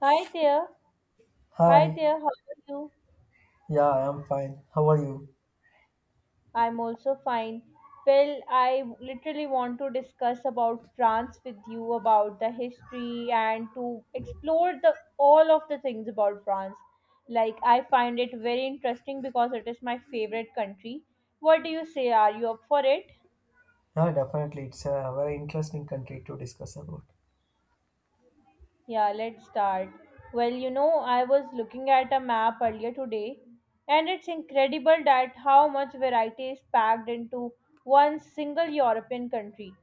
Hi there. Hi Hi, there. How are you? yeah, I'm fine. How are you? I'm also fine. Well, I literally want to discuss about France with you about the history and to explore the all of the things about France. Like I find it very interesting because it is my favorite country. What do you say? Are you up for it? Yeah, definitely. It's a very interesting country to discuss about. Yeah, let's start. Well, you know, I was looking at a map earlier today, and it's incredible that how much variety is packed into one single European country.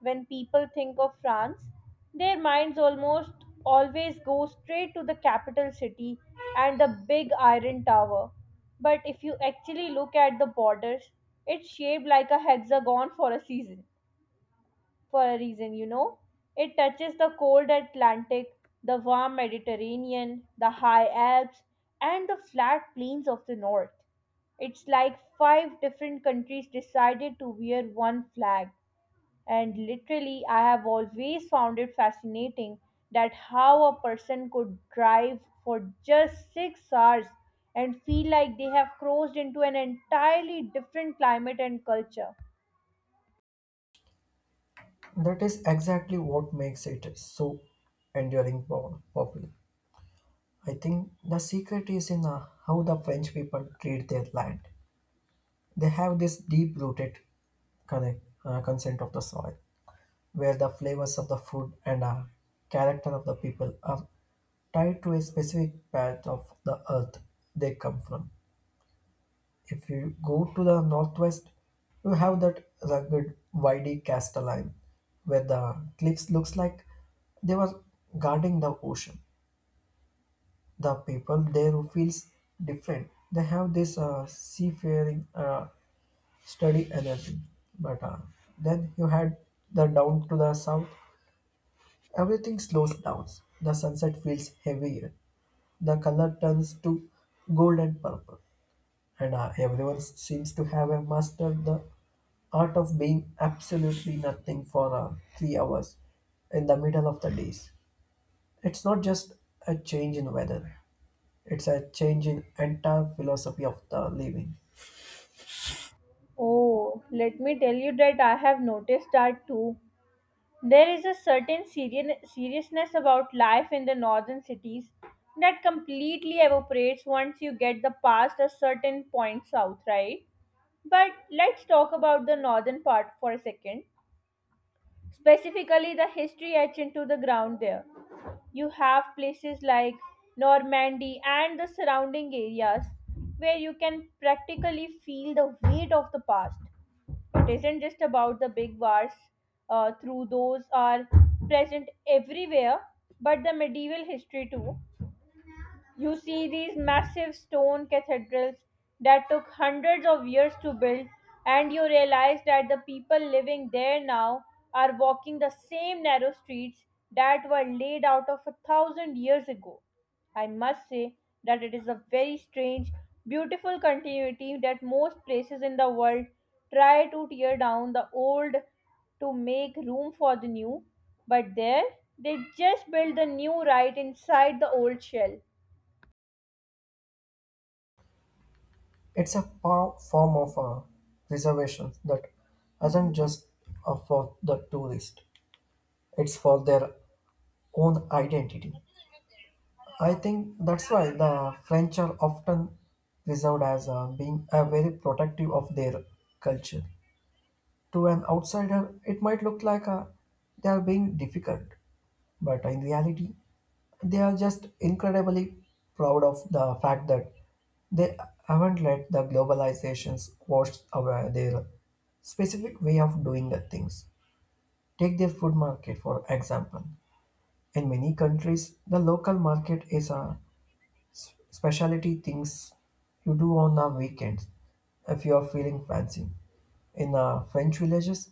When people think of France, their minds almost always go straight to the capital city and the big iron tower. But if you actually look at the borders, it's shaped like a hexagon for a reason, you know. It touches the cold Atlantic, the warm Mediterranean, the high Alps, and the flat plains of the north. It's like five different countries decided to wear one flag. And literally, I have always found it fascinating that how a person could drive for just 6 hours and feel like they have crossed into an entirely different climate and culture. That is exactly what makes it so enduring popular. I think the secret is in how the French people treat their land. They have this deep rooted consent of the soil, where the flavors of the food and character of the people are tied to a specific part of the earth they come from. If you go to the northwest, you have that rugged windy Castelline, where the cliffs looks like they were guarding the ocean. The people there who feels different. They have this seafaring, steady energy. But then you had the down to the south. Everything slows down. The sunset feels heavier. The color turns to gold and purple. And everyone seems to have mastered the art of being absolutely nothing for 3 hours in the middle of the days. It's not just a change in weather; it's a change in entire philosophy of the living. Oh, let me tell you that I have noticed that too. There is a certain seriousness about life in the northern cities that completely evaporates once you get the past a certain point south, right? But let's talk about the northern part for a second. Specifically, the history etched into the ground there. You have places like Normandy and the surrounding areas where you can practically feel the weight of the past. It isn't just about the big wars, through those are present everywhere, but the medieval history too. You see these massive stone cathedrals that took hundreds of years to build, and you realize that the people living there now are walking the same narrow streets that were laid out of a thousand years ago. I must say that it is a very strange, beautiful continuity that most places in the world try to tear down the old to make room for the new, but there they just build the new right inside the old shell. It's a form of reservation that isn't just for the tourist; it's for their own identity. I think that's why the French are often reserved as being very protective of their culture. To an outsider, it might look like they are being difficult, but in reality, they are just incredibly proud of the fact that they haven't let the globalizations wash away their specific way of doing the things. Take their food market, for example. In many countries, the local market is specialty things you do on the weekends if you are feeling fancy. In French villages,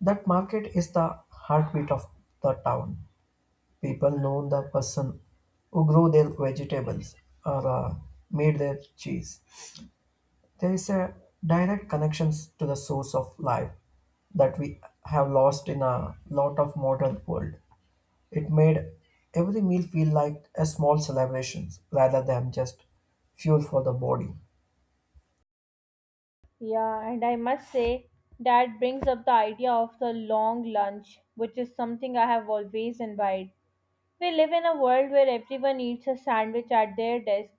that market is the heartbeat of the town. People know the person who grow their vegetables or made their cheese. There is a direct connections to the source of life that we have lost in a lot of modern world. It made every meal feel like a small celebration rather than just fuel for the body. Yeah, and I must say that brings up the idea of the long lunch, which is something I have always envied. We live in a world where everyone eats a sandwich at their desk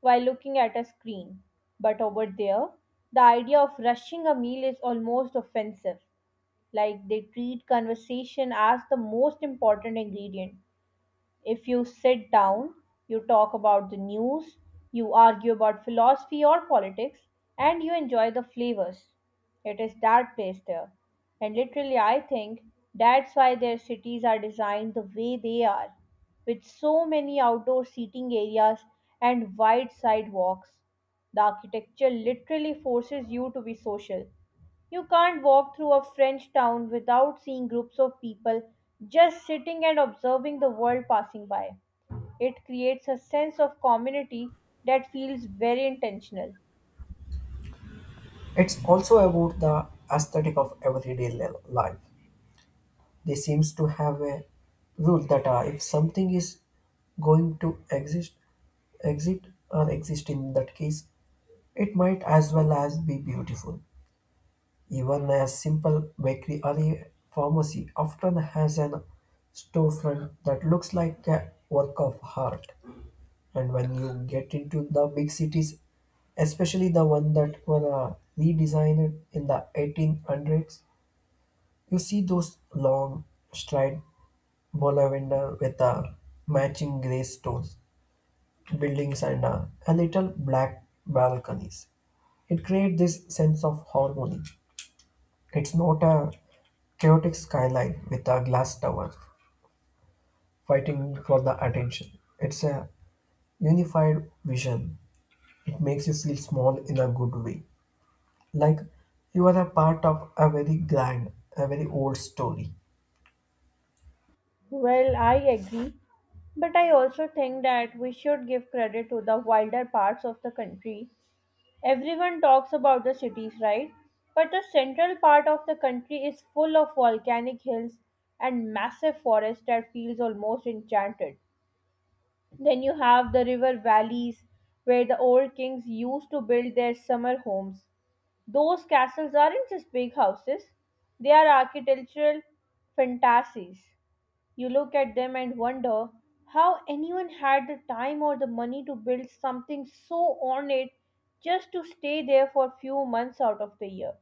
while looking at a screen. But over there, the idea of rushing a meal is almost offensive. Like they treat conversation as the most important ingredient. If you sit down, you talk about the news, you argue about philosophy or politics, and you enjoy the flavors. It is that place there. And literally, I think that's why their cities are designed the way they are, with so many outdoor seating areas and wide sidewalks. The architecture literally forces you to be social. You can't walk through a French town without seeing groups of people just sitting and observing the world passing by. It creates a sense of community that feels very intentional. It's also about the aesthetic of everyday life. They seems to have a rule that if something is going to exist, exist or exist in that case, it might as well as be beautiful. Even a simple bakery or a pharmacy often has an storefront that looks like a work of art. And when you get into the big cities, especially the one that were redesigned in the 1800s. You see those long straight boulevard with matching grey stones, buildings and a little black balconies. It creates this sense of harmony. It's not a chaotic skyline with a glass tower fighting for the attention. It's a unified vision. It makes you feel small in a good way. Like you are a part of a very grand, a very old story. Well, I agree, but I also think that we should give credit to the wilder parts of the country. Everyone talks about the cities, right? But the central part of the country is full of volcanic hills and massive forests that feels almost enchanted. Then you have the river valleys where the old kings used to build their summer homes. Those castles aren't just big houses, they are architectural fantasies. You look at them and wonder how anyone had the time or the money to build something so ornate just to stay there for a few months out of the year.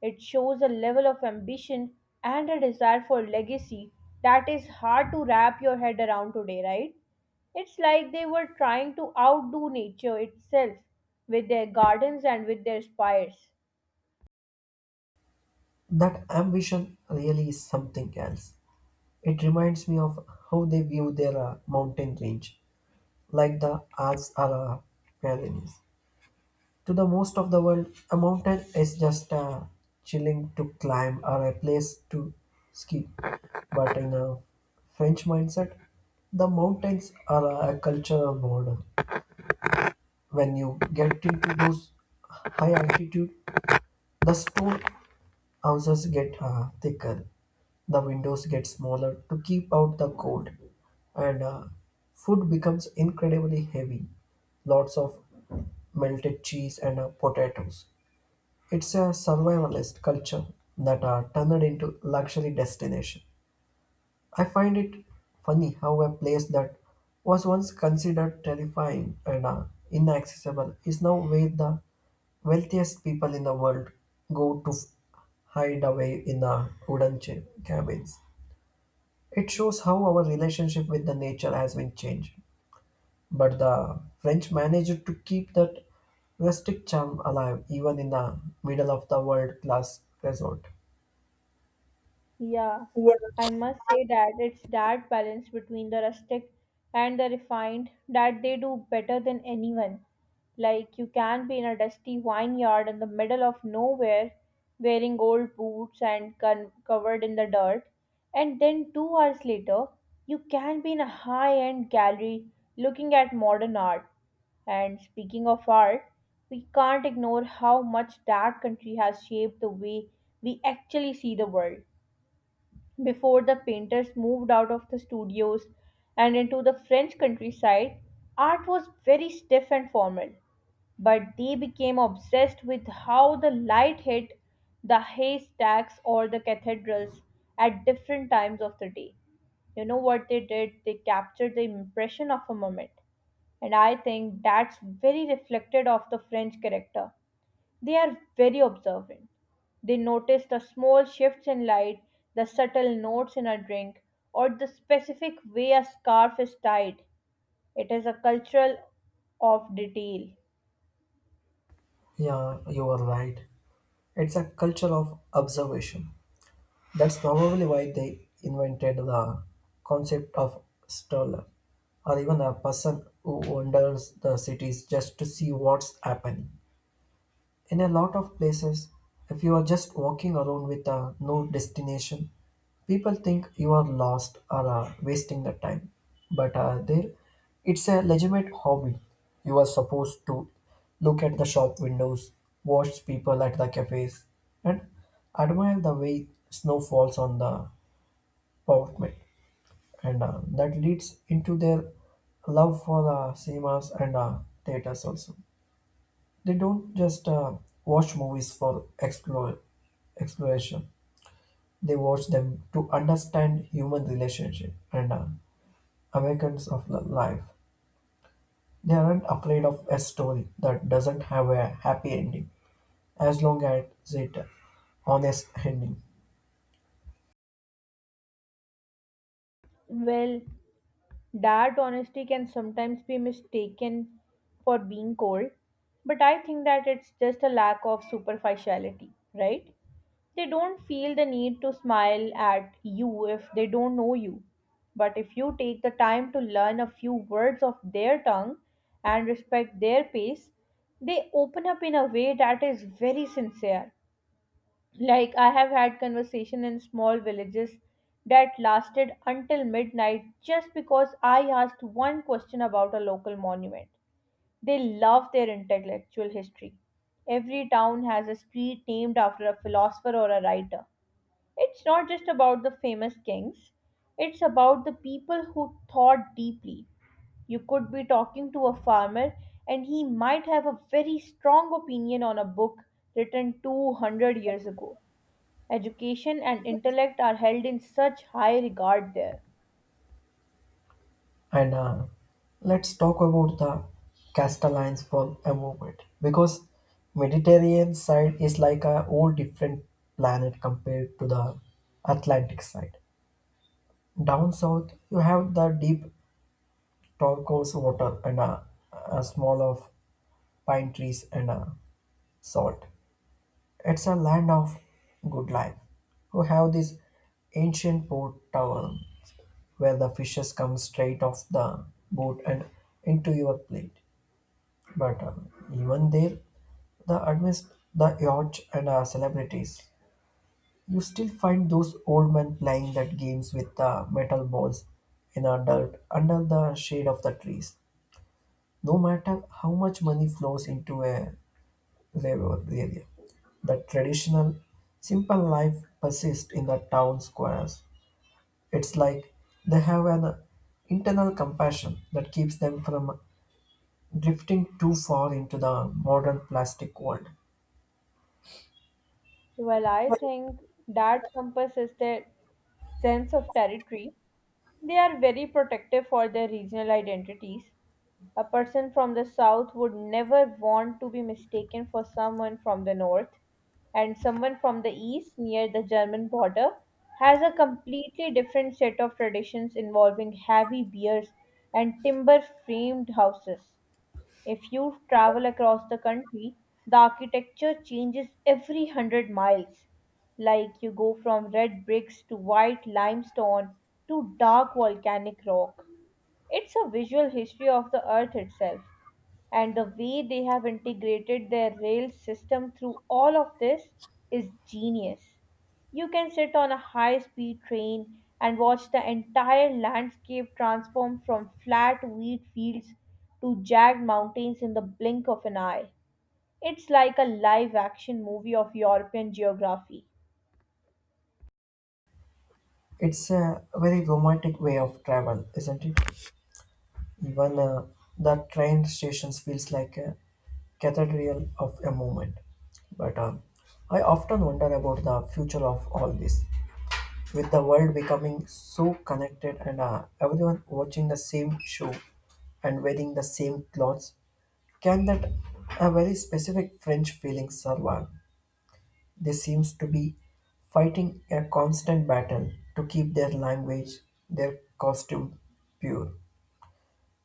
It shows a level of ambition and a desire for legacy that is hard to wrap your head around today, right? It's like they were trying to outdo nature itself with their gardens and with their spires. That ambition really is something else. It reminds me of how they view their mountain range, like the Alps or Pyrenees. To the most of the world, a mountain is just chilling to climb or a place to ski. But in a French mindset, the mountains are a cultural border. When you get into those high altitude, the stone houses get thicker, the windows get smaller to keep out the cold, and food becomes incredibly heavy. Lots of melted cheese and potatoes. It's a survivalist culture that are turned into luxury destination. I find it funny how a place that was once considered terrifying and inaccessible is now where the wealthiest people in the world go to hide away in the wooden cabins. It shows how our relationship with the nature has been changed. But the French managed to keep that rustic charm alive even in the middle of the world class resort. Yeah, Well, I must say that it's that balance between the rustic and the refined that they do better than anyone. Like, you can be in a dusty vineyard in the middle of nowhere, wearing old boots and covered in the dirt, and then 2 hours later, you can be in a high end gallery looking at modern art. And speaking of art, we can't ignore how much that country has shaped the way we actually see the world. Before the painters moved out of the studios and into the French countryside, art was very stiff and formal, but they became obsessed with how the light hit the haystacks or the cathedrals at different times of the day. You know what they did? They captured the impression of a moment. And I think that's very reflected of the French character. They are very observant. They notice the small shifts in light, the subtle notes in a drink, or the specific way a scarf is tied. It is a cultural of detail. yeah, you are right. It's a culture of observation. That's probably why they invented the concept of stroller, or even a person who wanders the cities just to see what's happening. In a lot of places, if you are just walking around with no destination, people think you are lost or wasting the time. But there, it's a legitimate hobby. You are supposed to look at the shop windows, watch people at the cafes, and admire the way snow falls on the pavement. And that leads into their love for cinemas and theaters also. They don't just watch movies for exploration. They watch them to understand human relationship and Americans of life. They aren't afraid of a story that doesn't have a happy ending, as long as it honest ending. Well, that honesty can sometimes be mistaken for being cold, but I think that it's just a lack of superficiality, right? They don't feel the need to smile at you if they don't know you. But if you take the time to learn a few words of their tongue and respect their pace, they open up in a way that is very sincere. Like I have had conversation in small villages that lasted until midnight just because I asked one question about a local monument. They love their intellectual history. Every town has a street named after a philosopher or a writer. It's not just about the famous kings, it's about the people who thought deeply. You could be talking to a farmer and he might have a very strong opinion on a book written 200 years ago. Education and intellect are held in such high regard there. And let's talk about the Castellans for a moment because Mediterranean side is like a whole different planet compared to the Atlantic side. Down south, you have the deep turquoise water and a small of pine trees and a salt. It's a land of good life. You have this ancient port tower where the fishes come straight off the boat and into your plate. But even there, the amidst the yacht and celebrities, you still find those old men playing that games with the metal balls in the dirt under the shade of the trees. No matter how much money flows into a labor area, the traditional, simple life persists in the town squares. It's like they have an internal compassion that keeps them from drifting too far into the modern plastic world. Well, I think that compasses their sense of territory. They are very protective for their regional identities. A person from the south would never want to be mistaken for someone from the north, and someone from the east near the German border has a completely different set of traditions involving heavy beers and timber framed houses. If you travel across the country, the architecture changes every 100 miles. Like you go from red bricks to white limestone to dark volcanic rock. It's a visual history of the earth itself. And the way they have integrated their rail system through all of this is genius. You can sit on a high speed train and watch the entire landscape transform from flat wheat fields to jagged mountains in the blink of an eye. It's like a live action movie of European geography. It's a very romantic way of travel, isn't it? Even the train stations feels like a cathedral of a moment. But I often wonder about the future of all this. With the world becoming so connected and everyone watching the same show and wearing the same clothes, can that a very specific French feeling survive? They seems to be fighting a constant battle to keep their language, their costume pure.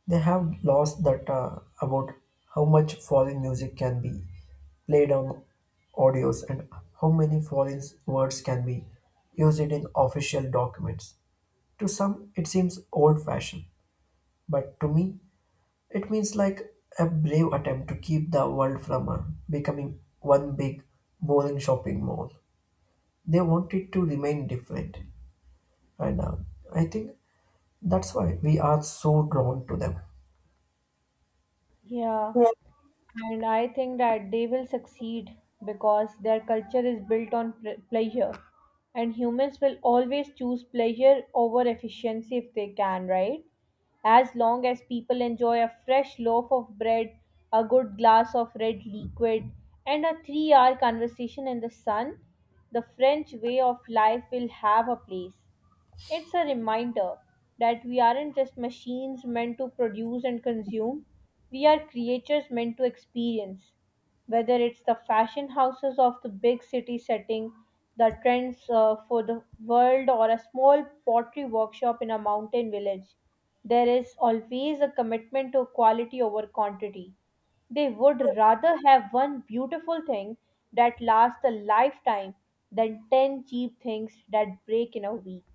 They have laws that about how much foreign music can be played on audios and how many foreign words can be used in official documents. To some, it seems old fashioned, but to me, it means like a brave attempt to keep the world from becoming one big, boring shopping mall. They want it to remain different, and I think that's why we are so drawn to them. Yeah. And I think that they will succeed because their culture is built on pleasure. And humans will always choose pleasure over efficiency if they can, right? As long as people enjoy a fresh loaf of bread, a good glass of red liquid, and a 3 hour conversation in the sun, the French way of life will have a place. It's a reminder that we aren't just machines meant to produce and consume, we are creatures meant to experience. Whether it's the fashion houses of the big city setting, the trends for the world, or a small pottery workshop in a mountain village, there is always a commitment to quality over quantity. They would rather have one beautiful thing that lasts a lifetime than 10 cheap things that break in a week.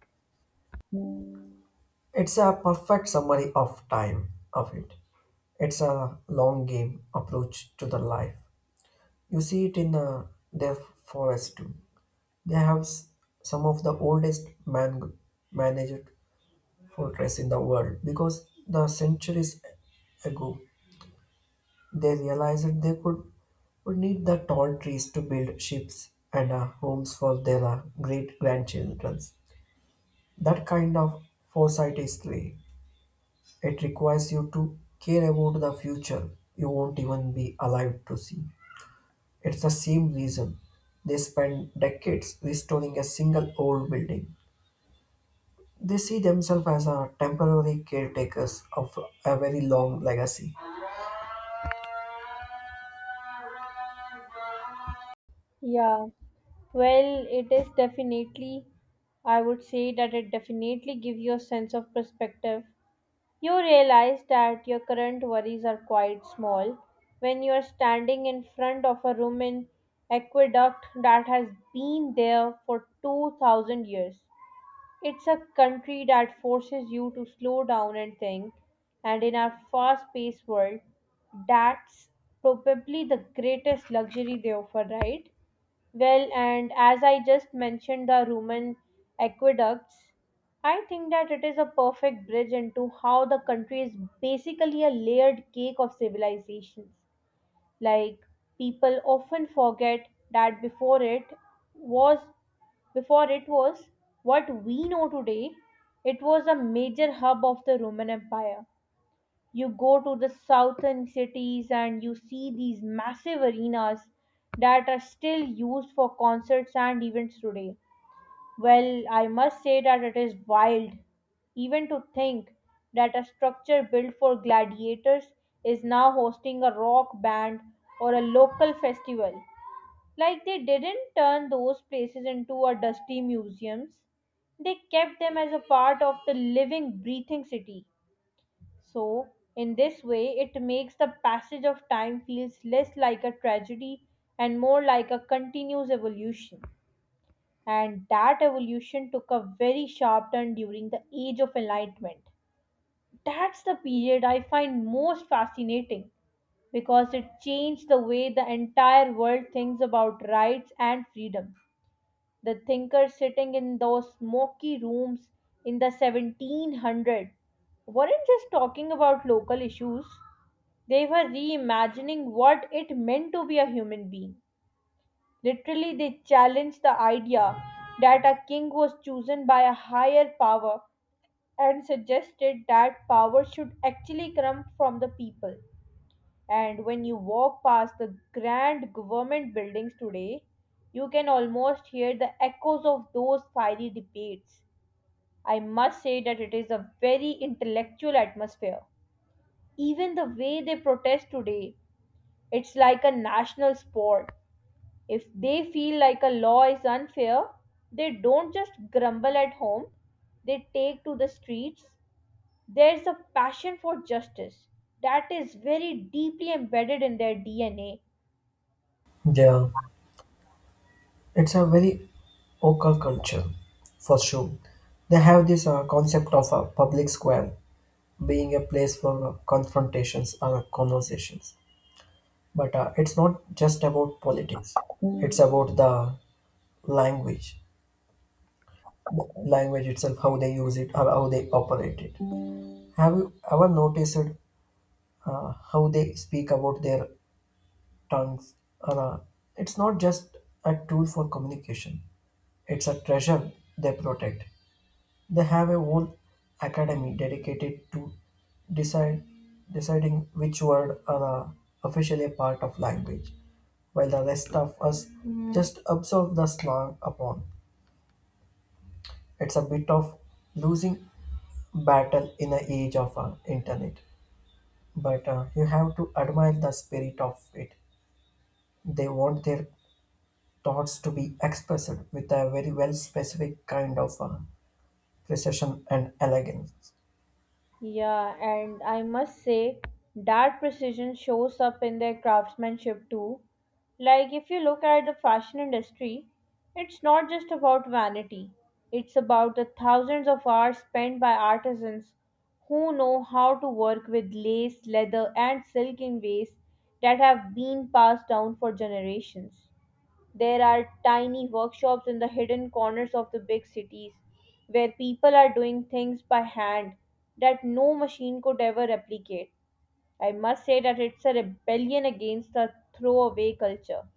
It's a perfect summary of time of it. It's a long game approach to the life. You see it in their forest too. They have some of the oldest man managed fortress in the world because the centuries ago they realized they could would need the tall trees to build ships and homes for their great grandchildren. That kind of foresight is rare. It requires you to care about the future you won't even be alive to see. It's the same reason they spend decades restoring a single old building. They see themselves as a temporary caretakers of a very long legacy. Yeah, well, it is definitely, I would say that it definitely gives you a sense of perspective. You realize that your current worries are quite small when you are standing in front of a Roman aqueduct that has been there for 2000 years. It's a country that forces you to slow down and think, and in our fast paced world, that's probably the greatest luxury they offer, right? Well, and as I just mentioned the Roman aqueducts, I think that it is a perfect bridge into how the country is basically a layered cake of civilizations. Like people often forget that was before it was what we know today, it was a major hub of the Roman Empire. You go to the southern cities and you see these massive arenas that are still used for concerts and events today. Well, I must say that it is wild even to think that a structure built for gladiators is now hosting a rock band or a local festival. Like they didn't turn those places into a dusty museums. They kept them as a part of the living, breathing city. So, in this way, it makes the passage of time feels less like a tragedy and more like a continuous evolution. And that evolution took a very sharp turn during the Age of Enlightenment. That's the period I find most fascinating because it changed the way the entire world thinks about rights and freedom. The thinkers sitting in those smoky rooms in the 1700s weren't just talking about local issues. They were reimagining what it meant to be a human being. Literally, they challenged the idea that a king was chosen by a higher power and suggested that power should actually come from the people. And when you walk past the grand government buildings today, you can almost hear the echoes of those fiery debates. I must say that it is a very intellectual atmosphere. Even the way they protest today, it's like a national sport. If they feel like a law is unfair, they don't just grumble at home, they take to the streets. There's a passion for justice that is very deeply embedded in their DNA. Yeah, it's a very local culture for sure. They have this concept of a public square being a place for confrontations or conversations. But it's not just about politics. It's about language, the language itself, how they use it or how they operate it. Have you ever noticed how they speak about their tongues? Or, it's not just a tool for communication. It's a treasure they protect. They have a whole academy dedicated to decide, deciding which word are officially a part of language, while the rest of us just observe the slang upon. It's a bit of losing battle in the age of internet, but you have to admire the spirit of it. They want their thoughts to be expressed with a very well specific kind of precision and elegance. Yeah, and I must say that precision shows up in their craftsmanship too. Like, if you look at the fashion industry, it's not just about vanity, it's about the thousands of hours spent by artisans who know how to work with lace, leather, and silk in ways that have been passed down for generations. There are tiny workshops in the hidden corners of the big cities where people are doing things by hand that no machine could ever replicate. I must say that it's a rebellion against the throwaway culture.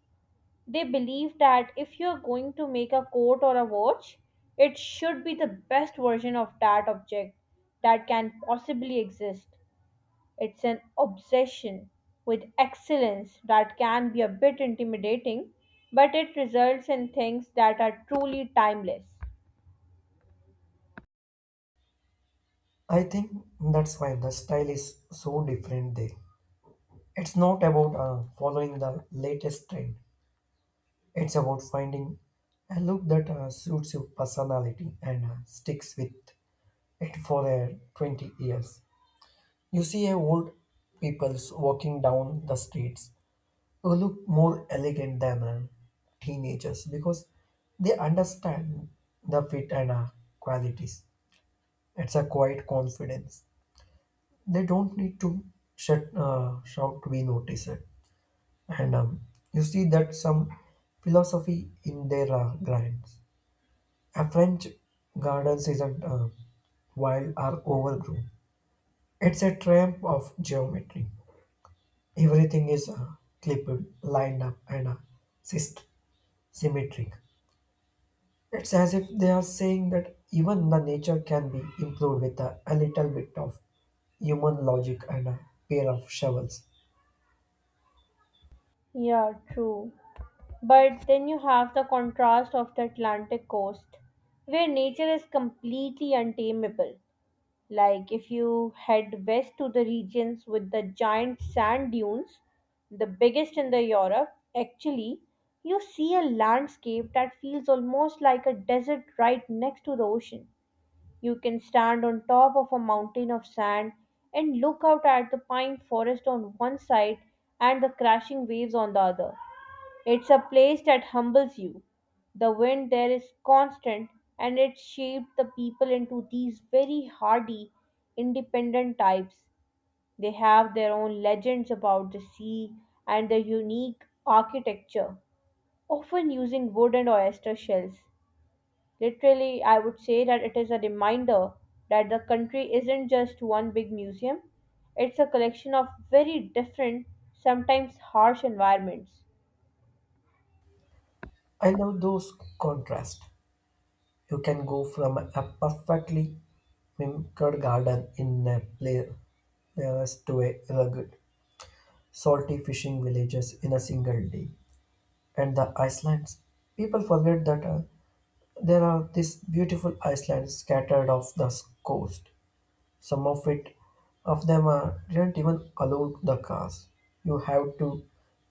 They believe that if you're going to make a coat or a watch, it should be the best version of that object that can possibly exist. It's an obsession with excellence that can be a bit intimidating, but it results in things that are truly timeless. I think that's why the style is so different there. It's not about following the latest trend, it's about finding a look that suits your personality and sticks with it for 20 years. You see old people walking down the streets who look more elegant than teenagers because they understand the fit and qualities. It's a quiet confidence. They don't need to shout to be noticed. And you see that some philosophy in their gardens. A French gardens isn't wild or overgrown. It's a triumph of geometry. Everything is clipped, lined up, and syst- symmetric. It's as if they are saying that even the nature can be improved with a little bit of human logic and a pair of shovels. Yeah, true. But then you have the contrast of the Atlantic coast, where nature is completely untamable. Like if you head west to the regions with the giant sand dunes, the biggest in the Europe, actually, you see a landscape that feels almost like a desert right next to the ocean. You can stand on top of a mountain of sand and look out at the pine forest on one side and the crashing waves on the other. It's a place that humbles you. The wind there is constant and it shaped the people into these very hardy, independent types. They have their own legends about the sea and their unique architecture, often using wood and oyster shells. Literally, I would say that it is a reminder that the country isn't just one big museum, it's a collection of very different, sometimes harsh environments. I love those contrasts. You can go from a perfectly mimicked garden in a place to a rugged, salty fishing villages in a single day. And the islands. People forget that there are these beautiful islands scattered off the coast. Some of it, of them are didn't even allow the cars. You have to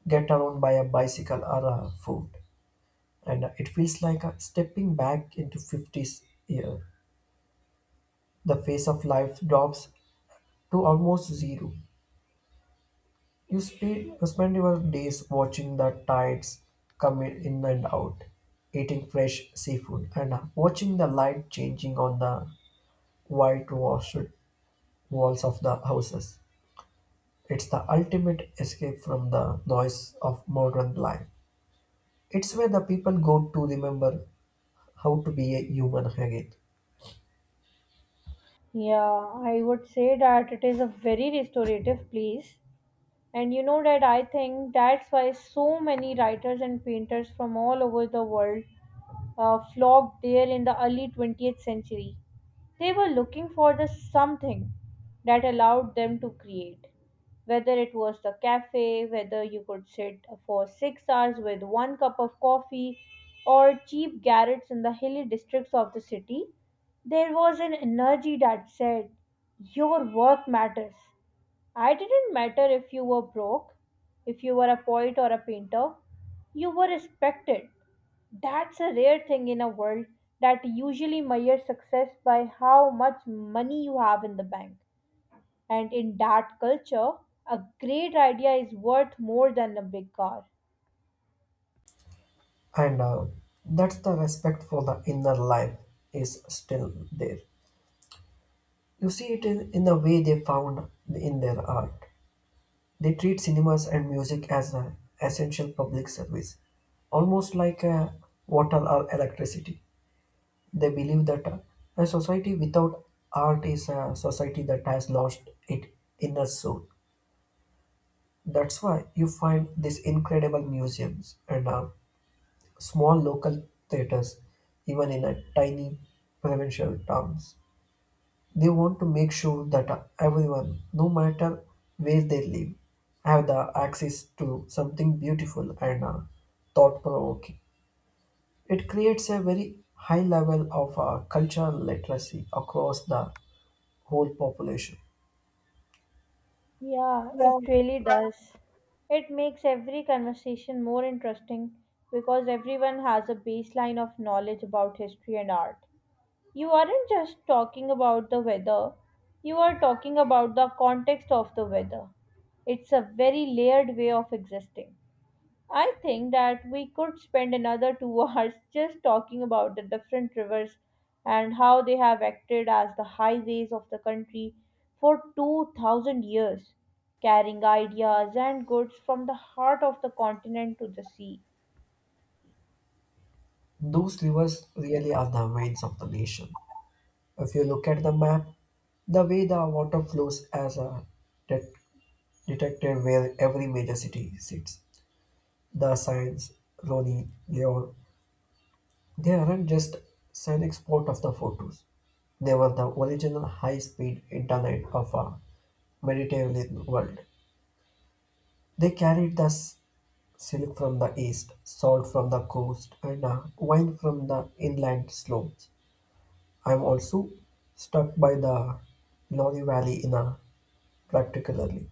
get around by a bicycle or a foot. And it feels like a stepping back into 50s year. The pace of life drops to almost zero. You spend your days watching the tides come in and out, eating fresh seafood, and watching the light changing on the whitewashed walls of the houses. It's the ultimate escape from the noise of modern life. It's where the people go to remember how to be a human again. Yeah, I would say that it is a very restorative place. And you know that I think that's why so many writers and painters from all over the world flocked there in the early 20th century. They were looking for the something that allowed them to create. Whether it was the cafe, whether you could sit for 6 hours with one cup of coffee, or cheap garrets in the hilly districts of the city, there was an energy that said, "Your work matters. I didn't matter if you were broke, if you were a poet or a painter, you were respected." That's a rare thing in a world that usually measures success by how much money you have in the bank. And in that culture, a great idea is worth more than a big car. And that's the respect for the inner life is still there. You see it in the way they found in their art. They treat cinemas and music as an essential public service, almost like water or electricity. They believe that a society without art is a society that has lost its inner soul. That's why you find these incredible museums and small local theaters, even in a tiny provincial towns. They want to make sure that everyone, no matter where they live, have the access to something beautiful and thought-provoking. It creates a very high level of cultural literacy across the whole population. Yeah, it Well, really does. It makes every conversation more interesting because everyone has a baseline of knowledge about history and art. You aren't just talking about the weather, you are talking about the context of the weather. It's a very layered way of existing. I think that we could spend another two hours just talking about the different rivers and how they have acted as the highways of the country for 2000 years, carrying ideas and goods from the heart of the continent to the sea. those rivers really are the veins of the nation. If you look at the map, the way the water flows as a detected where every major city sits. The signs, Roni, Leon, they aren't just an export of the photos. They were the original high-speed internet of a Mediterranean world. They carried the silk from the east, salt from the coast, and wine from the inland slopes. I'm also struck by the Lorry Valley in a particularly.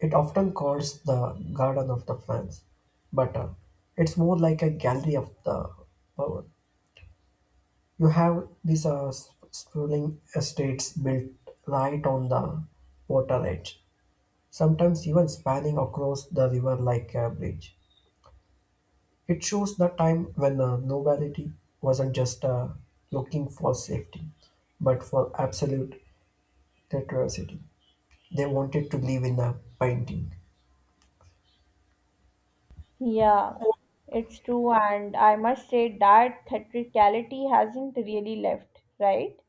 It often calls the Garden of the Plants, but it's more like a gallery of the power. You have these sprawling estates built right on the water edge, sometimes even spanning across the river like a bridge. It shows the time when the nobility wasn't just looking for safety, but for absolute curiosity. They wanted to live in a painting. Yeah, it's true, and I must say that theatricality hasn't really left, right?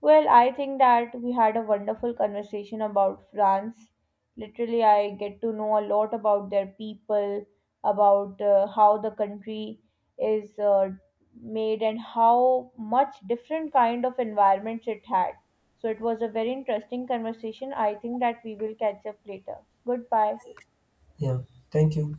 Well, I think that we had a wonderful conversation about France. Literally, I get to know a lot about their people, about how the country is made, and how much different kind of environments it had. So it was a very interesting conversation. I think that we will catch up later. Goodbye. Yeah, thank you.